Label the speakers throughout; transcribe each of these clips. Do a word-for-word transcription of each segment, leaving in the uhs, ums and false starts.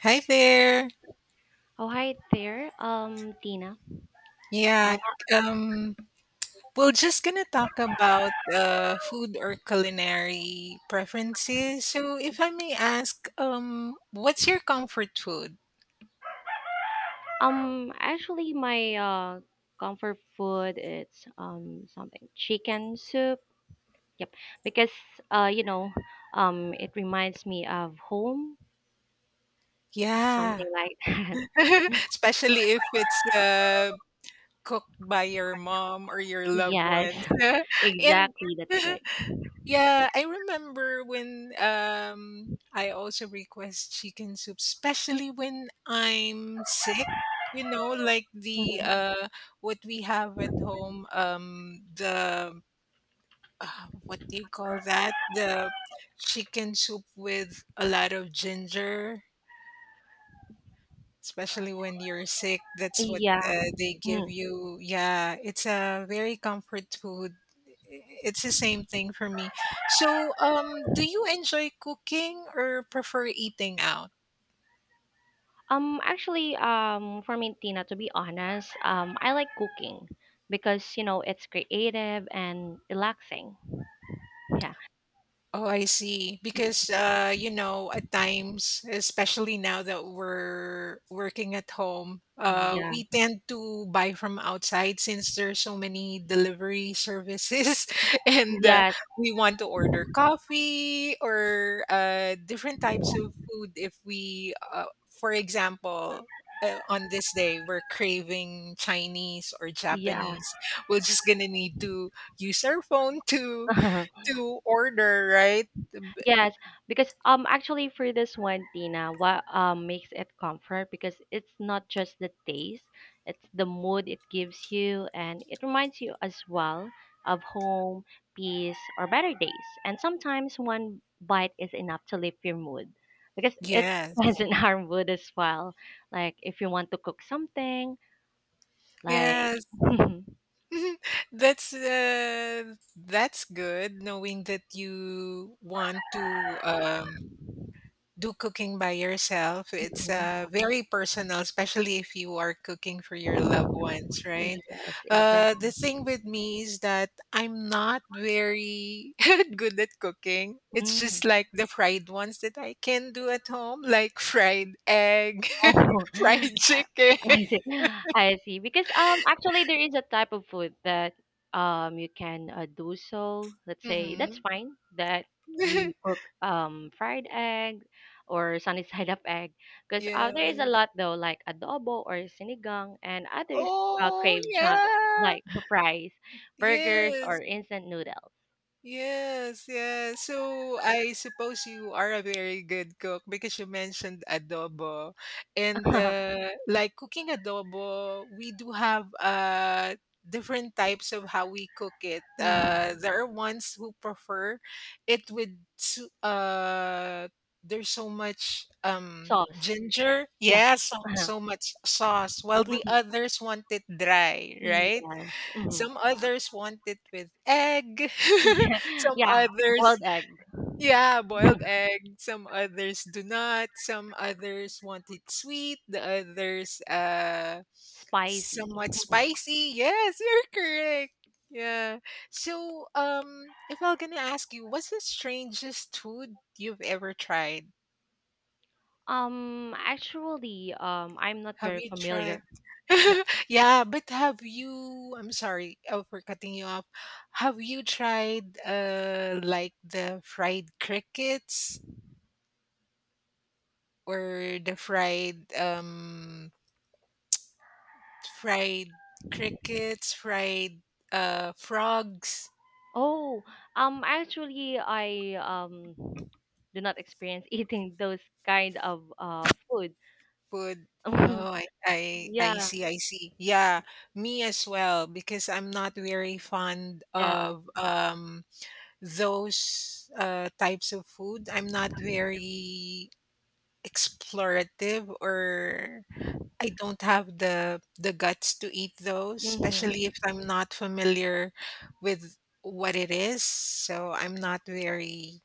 Speaker 1: Hi there.
Speaker 2: Oh, hi there. Um, Tina. Um,
Speaker 1: Yeah, um, we're just gonna talk about uh, food or culinary preferences. So, if I may ask, um, what's your comfort food?
Speaker 2: um, actually, my uh comfort food it's um something chicken soup. Yep, because uh you know um it reminds me of home,
Speaker 1: Yeah,
Speaker 2: something like that.
Speaker 1: especially if it's uh, cooked by your mom or your loved
Speaker 2: Yes,
Speaker 1: ones. and
Speaker 2: exactly. That's right.
Speaker 1: Yeah, I remember when um I also request chicken soup, especially when I'm sick, you know, like the
Speaker 2: Mhm.
Speaker 1: uh what we have at home, um the uh, what do you call that? The chicken soup with a lot of ginger, especially when you're sick. That's what
Speaker 2: Yeah.
Speaker 1: uh, they give
Speaker 2: Mm.
Speaker 1: you. Yeah, it's a very comfort food. It's the same thing for me. So, um do you enjoy cooking or prefer eating out?
Speaker 2: Um, actually, um, for me, Tina, to be honest, um, I like cooking because you know it's creative and relaxing. Yeah.
Speaker 1: Oh, I see.
Speaker 2: Mm.
Speaker 1: Because uh, you know, at times, especially now that we're working at home, uh,
Speaker 2: Yeah.
Speaker 1: we tend to buy from outside since there's so many delivery services, and uh,
Speaker 2: Yes,
Speaker 1: we want to order coffee or uh, different types of food. If we, uh, for example, uh, on this day we're craving Chinese or
Speaker 2: yeah.
Speaker 1: Japanese, we're just gonna need to use our phone to to order, right?
Speaker 2: Yes, because um actually for this one, Tina, what um makes it comfort because it's not just the taste, it's the mood it gives you and it reminds you as well of home, peace, or better days. And sometimes one bite is enough to lift your mood because it depends
Speaker 1: Yes.
Speaker 2: on our mood as well. Like if you want to cook something, like
Speaker 1: Yes. That's uh, that's good knowing that you want to um, do cooking by yourself. It's
Speaker 2: Mhm.
Speaker 1: uh, very personal, especially if you are cooking for your loved ones, right?
Speaker 2: Yes,
Speaker 1: Uh, the
Speaker 2: exactly.
Speaker 1: thing with me is that I'm not very good at cooking. It's
Speaker 2: Mm.
Speaker 1: just like the fried ones that I can do at home, like fried egg,
Speaker 2: Oh,
Speaker 1: fried chicken.
Speaker 2: I see. I see. Because um actually there is a type of food that um you can uh, do so. Let's say that's fine that
Speaker 1: Mhm.
Speaker 2: you cook um fried egg or sunny side up egg because uh, there is
Speaker 1: Yeah.
Speaker 2: a lot though like adobo or sinigang and others uh,
Speaker 1: Oh,
Speaker 2: crave cha-
Speaker 1: yeah.
Speaker 2: like fries, burgers or
Speaker 1: Yes.
Speaker 2: instant noodles.
Speaker 1: Yes, yes. So I suppose you are a very good cook because you mentioned adobo. And uh, like cooking adobo, we do have uh, different types of how we cook it.
Speaker 2: Mhm.
Speaker 1: Uh, there are ones who prefer it with su- uh, there's so much um,
Speaker 2: Sauce.
Speaker 1: ginger.
Speaker 2: Yeah.
Speaker 1: Yeah, so,
Speaker 2: Uh-huh.
Speaker 1: so much sauce, while the
Speaker 2: Mhm.
Speaker 1: others want it dry, right?
Speaker 2: Yes. Mhm.
Speaker 1: Some others want it with egg. Some
Speaker 2: Yeah,
Speaker 1: others,
Speaker 2: boiled egg.
Speaker 1: yeah, boiled egg. Some others do not. Some others want it sweet. The others, uh,
Speaker 2: Spicy.
Speaker 1: somewhat spicy. Yes, you're correct. Yeah. So, um, if I'm gonna ask you, what's the strangest food you've ever tried?
Speaker 2: Um, actually, um, I'm not
Speaker 1: Have
Speaker 2: very
Speaker 1: you
Speaker 2: familiar.
Speaker 1: tried?
Speaker 2: Yeah.
Speaker 1: Yeah, but have you I'm sorry, oh, for cutting you off. Have you tried uh like the fried crickets or the fried um fried crickets, fried uh frogs
Speaker 2: Oh, um, actually, I um do not experience eating those kind of uh food.
Speaker 1: food? Oh, I I I
Speaker 2: Yeah,
Speaker 1: see, I see. Yeah, me as well because I'm not very fond
Speaker 2: yeah.
Speaker 1: of um those uh, types of food. I'm not very explorative, or I don't have the the guts to eat those,
Speaker 2: Mm-hmm.
Speaker 1: especially if I'm not familiar with what it is. So I'm not very,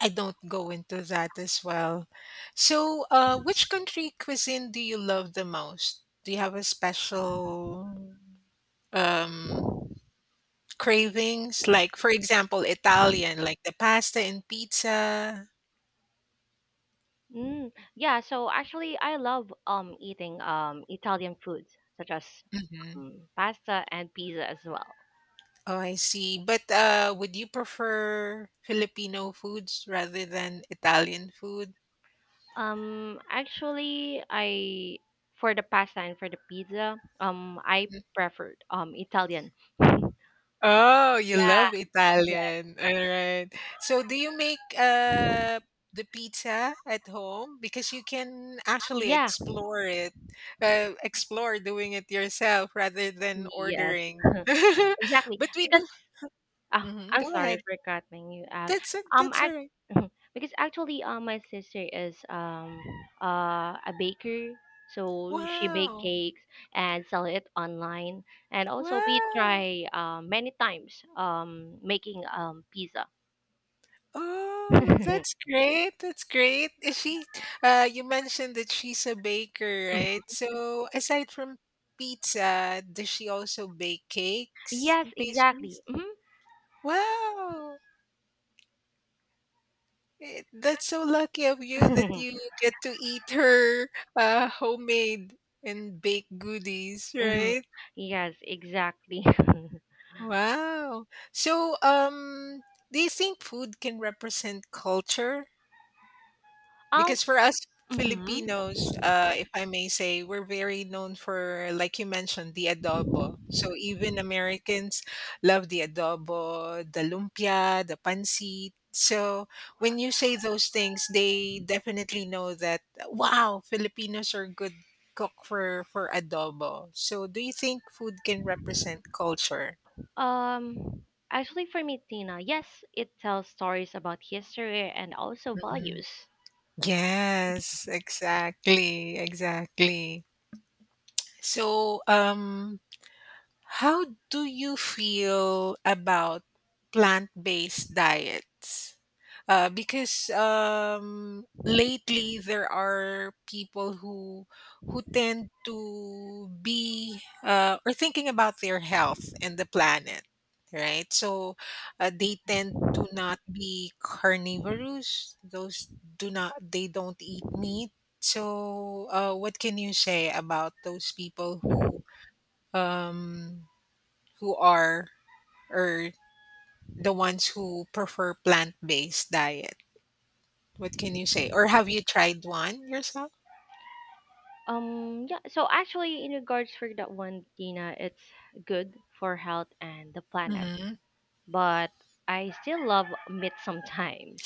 Speaker 1: I don't go into that as well. So, uh, which country cuisine do you love the most? Do you have a special um cravings, like, for example, Italian, like the pasta and pizza?
Speaker 2: Mm. Yeah, so actually, I love um eating um Italian foods such as
Speaker 1: Mhm.
Speaker 2: um, pasta and pizza as well.
Speaker 1: Oh, I see. But, uh, would you prefer Filipino foods rather than Italian food?
Speaker 2: Um, actually, I for the pasta and for the pizza, um, I preferred um Italian.
Speaker 1: Oh, you
Speaker 2: Yeah.
Speaker 1: love
Speaker 2: Yeah.
Speaker 1: Italian. Alright. So do you make, uh, the pizza at home? Because you can actually
Speaker 2: Yeah.
Speaker 1: explore it, uh, explore doing it yourself rather than
Speaker 2: Yes.
Speaker 1: ordering.
Speaker 2: Exactly.
Speaker 1: But we
Speaker 2: Because
Speaker 1: do
Speaker 2: ah,
Speaker 1: mhm,
Speaker 2: I'm
Speaker 1: go
Speaker 2: sorry
Speaker 1: ahead.
Speaker 2: for cutting you out.
Speaker 1: That's a
Speaker 2: Um,
Speaker 1: that's
Speaker 2: I,
Speaker 1: alright.
Speaker 2: because actually, uh, my sister is um uh a baker, so she bake
Speaker 1: Wow.
Speaker 2: cakes and sell it online. And also, we
Speaker 1: Wow.
Speaker 2: try uh, many times um making um pizza.
Speaker 1: Oh, that's great. That's great. Is she, uh, you mentioned that she's a baker, right? So aside from pizza, does she also bake cakes
Speaker 2: Yes,
Speaker 1: and pastries?
Speaker 2: exactly. Hmm.
Speaker 1: Wow. Eh, that's so lucky of you that you get to eat her uh, homemade and baked goodies,
Speaker 2: Hmm.
Speaker 1: right?
Speaker 2: Yes, exactly.
Speaker 1: Wow. So, um, do you think food can represent culture?
Speaker 2: Um,
Speaker 1: Because for us
Speaker 2: mhm.
Speaker 1: Filipinos, uh, if I may say, we're very known for, like you mentioned, the adobo. So even Americans love the adobo, the lumpia, the pancit. So when you say those things, they definitely know that, wow, Filipinos are good cook for, for adobo. So do you think food can represent culture?
Speaker 2: Um, actually, for me, Tina, yes, it tells stories about history and also
Speaker 1: Mhm.
Speaker 2: values.
Speaker 1: Yes, exactly, exactly. So, um, how do you feel about plant-based diets? Uh, because um, lately there are people who who tend to be uh, or thinking about their health and the planet, right? So uh, they tend to not be carnivorous. Those do not, they don't eat meat. So uh, what can you say about those people who um who are, or the ones who prefer plant-based diet? What can you say? Or have you tried one yourself?
Speaker 2: Um, yeah. So actually, in regards for that one, Tina, it's good for health and the planet,
Speaker 1: Mhm.
Speaker 2: but I still love meat sometimes.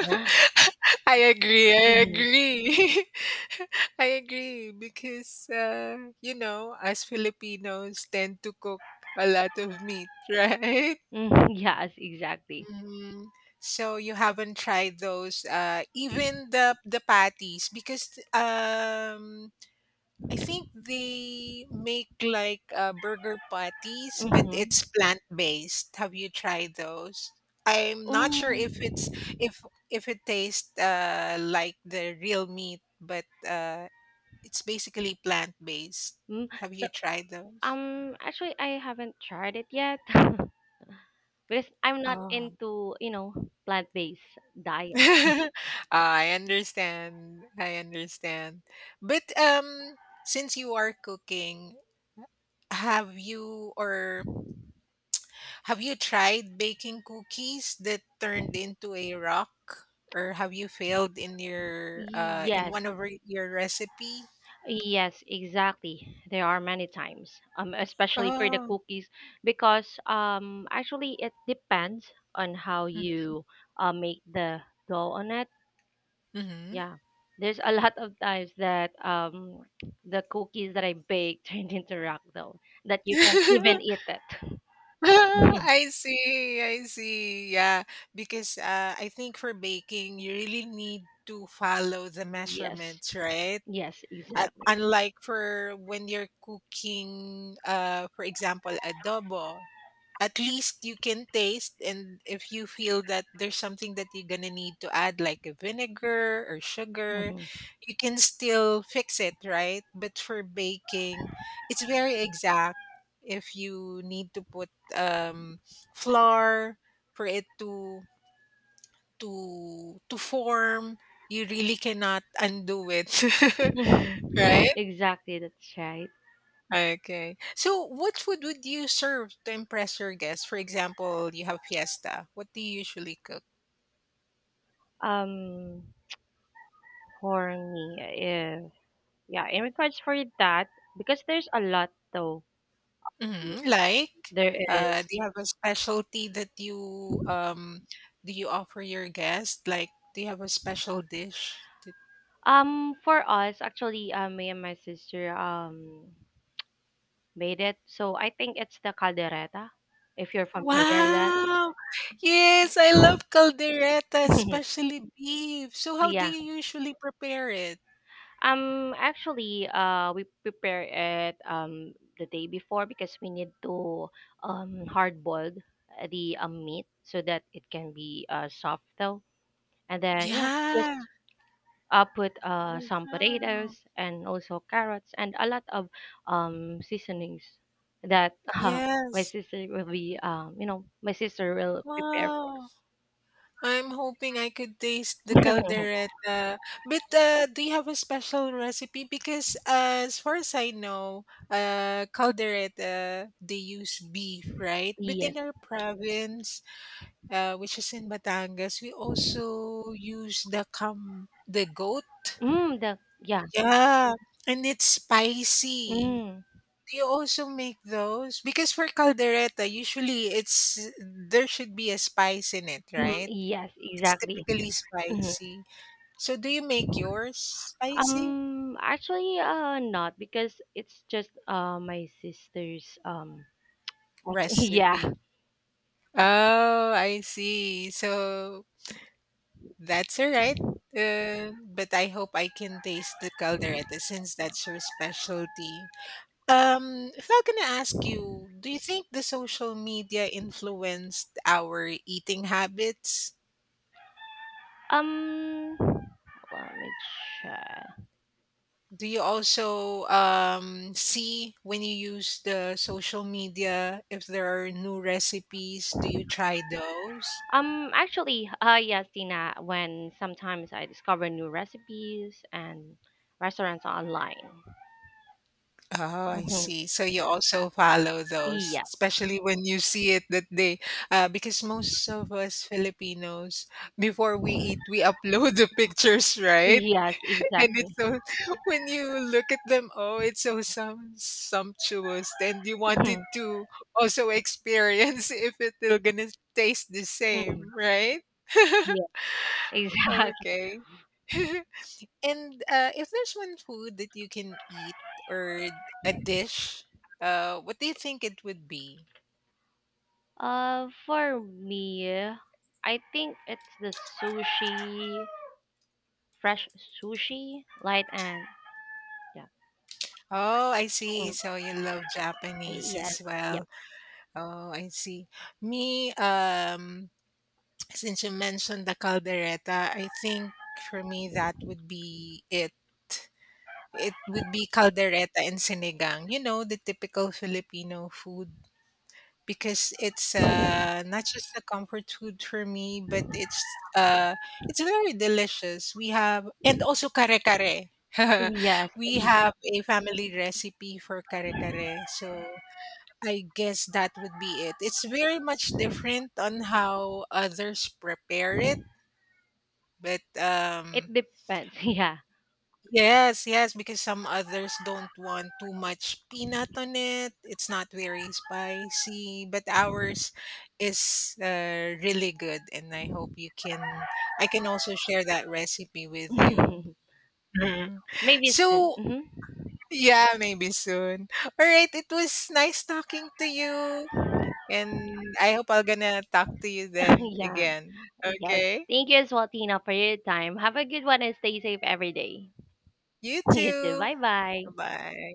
Speaker 1: I agree. I
Speaker 2: Mhm.
Speaker 1: agree. I agree because uh, you know, as Filipinos tend to cook a lot of meat, right?
Speaker 2: Mhm, yes, exactly.
Speaker 1: Mhm. So you haven't tried those, uh, even the the patties, because um, I think they make like uh, burger patties, but
Speaker 2: Mm-hmm.
Speaker 1: it's plant based. Have you tried those? I'm not sure if
Speaker 2: Mm-hmm.
Speaker 1: it's, if if it tastes uh, like the real meat, but uh, it's basically plant based.
Speaker 2: Mm.
Speaker 1: Have
Speaker 2: So,
Speaker 1: you tried those?
Speaker 2: um, actually, I haven't tried it yet because I'm not
Speaker 1: Oh,
Speaker 2: into, you know, plant-based diet.
Speaker 1: I understand. I understand. But um, since you are cooking, have you or have you tried baking cookies that turned into a rock, or have you failed in your uh, in
Speaker 2: Yes,
Speaker 1: one of re- your recipe?
Speaker 2: yes, exactly. There are many times, um, especially for the
Speaker 1: Oh,
Speaker 2: cookies, because um, actually it depends on how you uh, make the dough on it.
Speaker 1: mm-hmm.
Speaker 2: Yeah, there's a lot of times that um, the cookies that I bake turned into rock dough that you can even eat it. Mhm.
Speaker 1: I see, I see. Yeah, because uh, I think for baking, you really need to follow the
Speaker 2: Yes,
Speaker 1: measurements, right?
Speaker 2: yes,
Speaker 1: Uh,
Speaker 2: exactly.
Speaker 1: unlike for when you're cooking, uh, for example, adobo, at least you can taste, and if you feel that there's something that you're gonna need to add like a vinegar or sugar,
Speaker 2: Hmm.
Speaker 1: you can still fix it, right? But for baking, it's very exact. If you need to put um flour for it to to to form, you really cannot undo it.
Speaker 2: Hmm.
Speaker 1: Right.
Speaker 2: Exactly, that's right.
Speaker 1: Okay. So what food would you serve to impress your guests? For example, you have fiesta. What do you usually cook?
Speaker 2: Um, for me, eh, Yeah, in regards for that, because there's a lot though.
Speaker 1: Mhm. Like,
Speaker 2: There is.
Speaker 1: uh, do you have a specialty that you um do you offer your guests? Like, do you have a special dish? That-
Speaker 2: Um, for us, actually, uh, me and my sister um made it. So I think it's the caldereta, if you're familiar with that.
Speaker 1: Wow. Yes, I love caldereta, especially beef. So how do
Speaker 2: Yeah.
Speaker 1: you usually prepare it?
Speaker 2: Um, actually, uh, we prepare it um the day before because we need to um hard boiled the um, meat so that it can be uh soft though, and then yeah,
Speaker 1: Yeah.
Speaker 2: just uh, put uh, some
Speaker 1: Wow.
Speaker 2: potatoes and also carrots and a lot of um, seasonings that uh, my
Speaker 1: Yes.
Speaker 2: sister will be um, you know my sister will prepare for
Speaker 1: Wow. I'm hoping I could taste the caldereta. But uh, do you have a special recipe? Because uh, as far as I know, uh, caldereta, they use beef, right? But
Speaker 2: yes
Speaker 1: in our province, uh, which is in Batangas, we also use the cam the goat.
Speaker 2: mm, the yeah
Speaker 1: Yeah, and it's spicy.
Speaker 2: mm,
Speaker 1: Do you also make those? Because for caldereta, usually it's, there should be a spice in it,
Speaker 2: mm,
Speaker 1: right?
Speaker 2: yes
Speaker 1: It's
Speaker 2: exactly.
Speaker 1: typically
Speaker 2: Mhm.
Speaker 1: spicy. So do you make yours spicy
Speaker 2: um actually uh not because it's just uh my sister's um yeah.
Speaker 1: recipe? Oh, I see. So that's all right. Uh, but I hope I can taste the caldereta since that's your specialty. Um, if I'm gonna ask you, do you think the social media influenced our eating habits?
Speaker 2: um let me check
Speaker 1: Do you also um, see when you use the social media if there are new recipes? Do you try those?
Speaker 2: Um, actually, uh, yes, Tina, when sometimes I discover new recipes and restaurants online.
Speaker 1: Oh, I
Speaker 2: Mm-hmm.
Speaker 1: see. So you also follow those,
Speaker 2: Yeah.
Speaker 1: especially when you see it that they, uh, because most of us Filipinos, before we eat, we upload the pictures, right?
Speaker 2: Yes,
Speaker 1: And
Speaker 2: exactly.
Speaker 1: it's so when you look at them, oh, it's so sum sumptuous, and you
Speaker 2: Mm-hmm.
Speaker 1: wanted to also experience if it will gonna taste the
Speaker 2: Mm-hmm.
Speaker 1: same, right?
Speaker 2: Yeah, exactly.
Speaker 1: Okay. And uh, if there's one food that you can eat, or a dish, uh, what do you think it would be?
Speaker 2: Uh, for me, I think it's the sushi, fresh sushi, light and yeah.
Speaker 1: Oh, I see.
Speaker 2: Mhm.
Speaker 1: So you love Japanese
Speaker 2: Yes.
Speaker 1: as
Speaker 2: Yep.
Speaker 1: well. Oh, I see. Me, um, since you mentioned the caldereta, I think for me that would be it. It would be caldereta and sinigang. You know, the typical Filipino food because it's uh, not just a comfort food for me, but it's uh, it's very delicious. We have, and also kare kare.
Speaker 2: Yes.
Speaker 1: We
Speaker 2: Mhm.
Speaker 1: have a family recipe for kare kare, so I guess that would be it. It's very much different on how others prepare it, but um
Speaker 2: It depends. Yeah.
Speaker 1: yes, yes, because some others don't want too much peanut on it. It's not very spicy, but ours is uh, really good, and I hope you can, I can also share that recipe with you. Mhm.
Speaker 2: Maybe it's thin.
Speaker 1: So,
Speaker 2: Hmm.
Speaker 1: yeah, maybe soon. All right, it was nice talking to you, and I hope I'm going to talk to you then
Speaker 2: Yeah.
Speaker 1: again.
Speaker 2: Yes.
Speaker 1: Okay?
Speaker 2: Thank you as well, Tina, for your time. Have a good one and stay safe every day.
Speaker 1: You
Speaker 2: You too.
Speaker 1: too.
Speaker 2: Bye bye.
Speaker 1: Bye.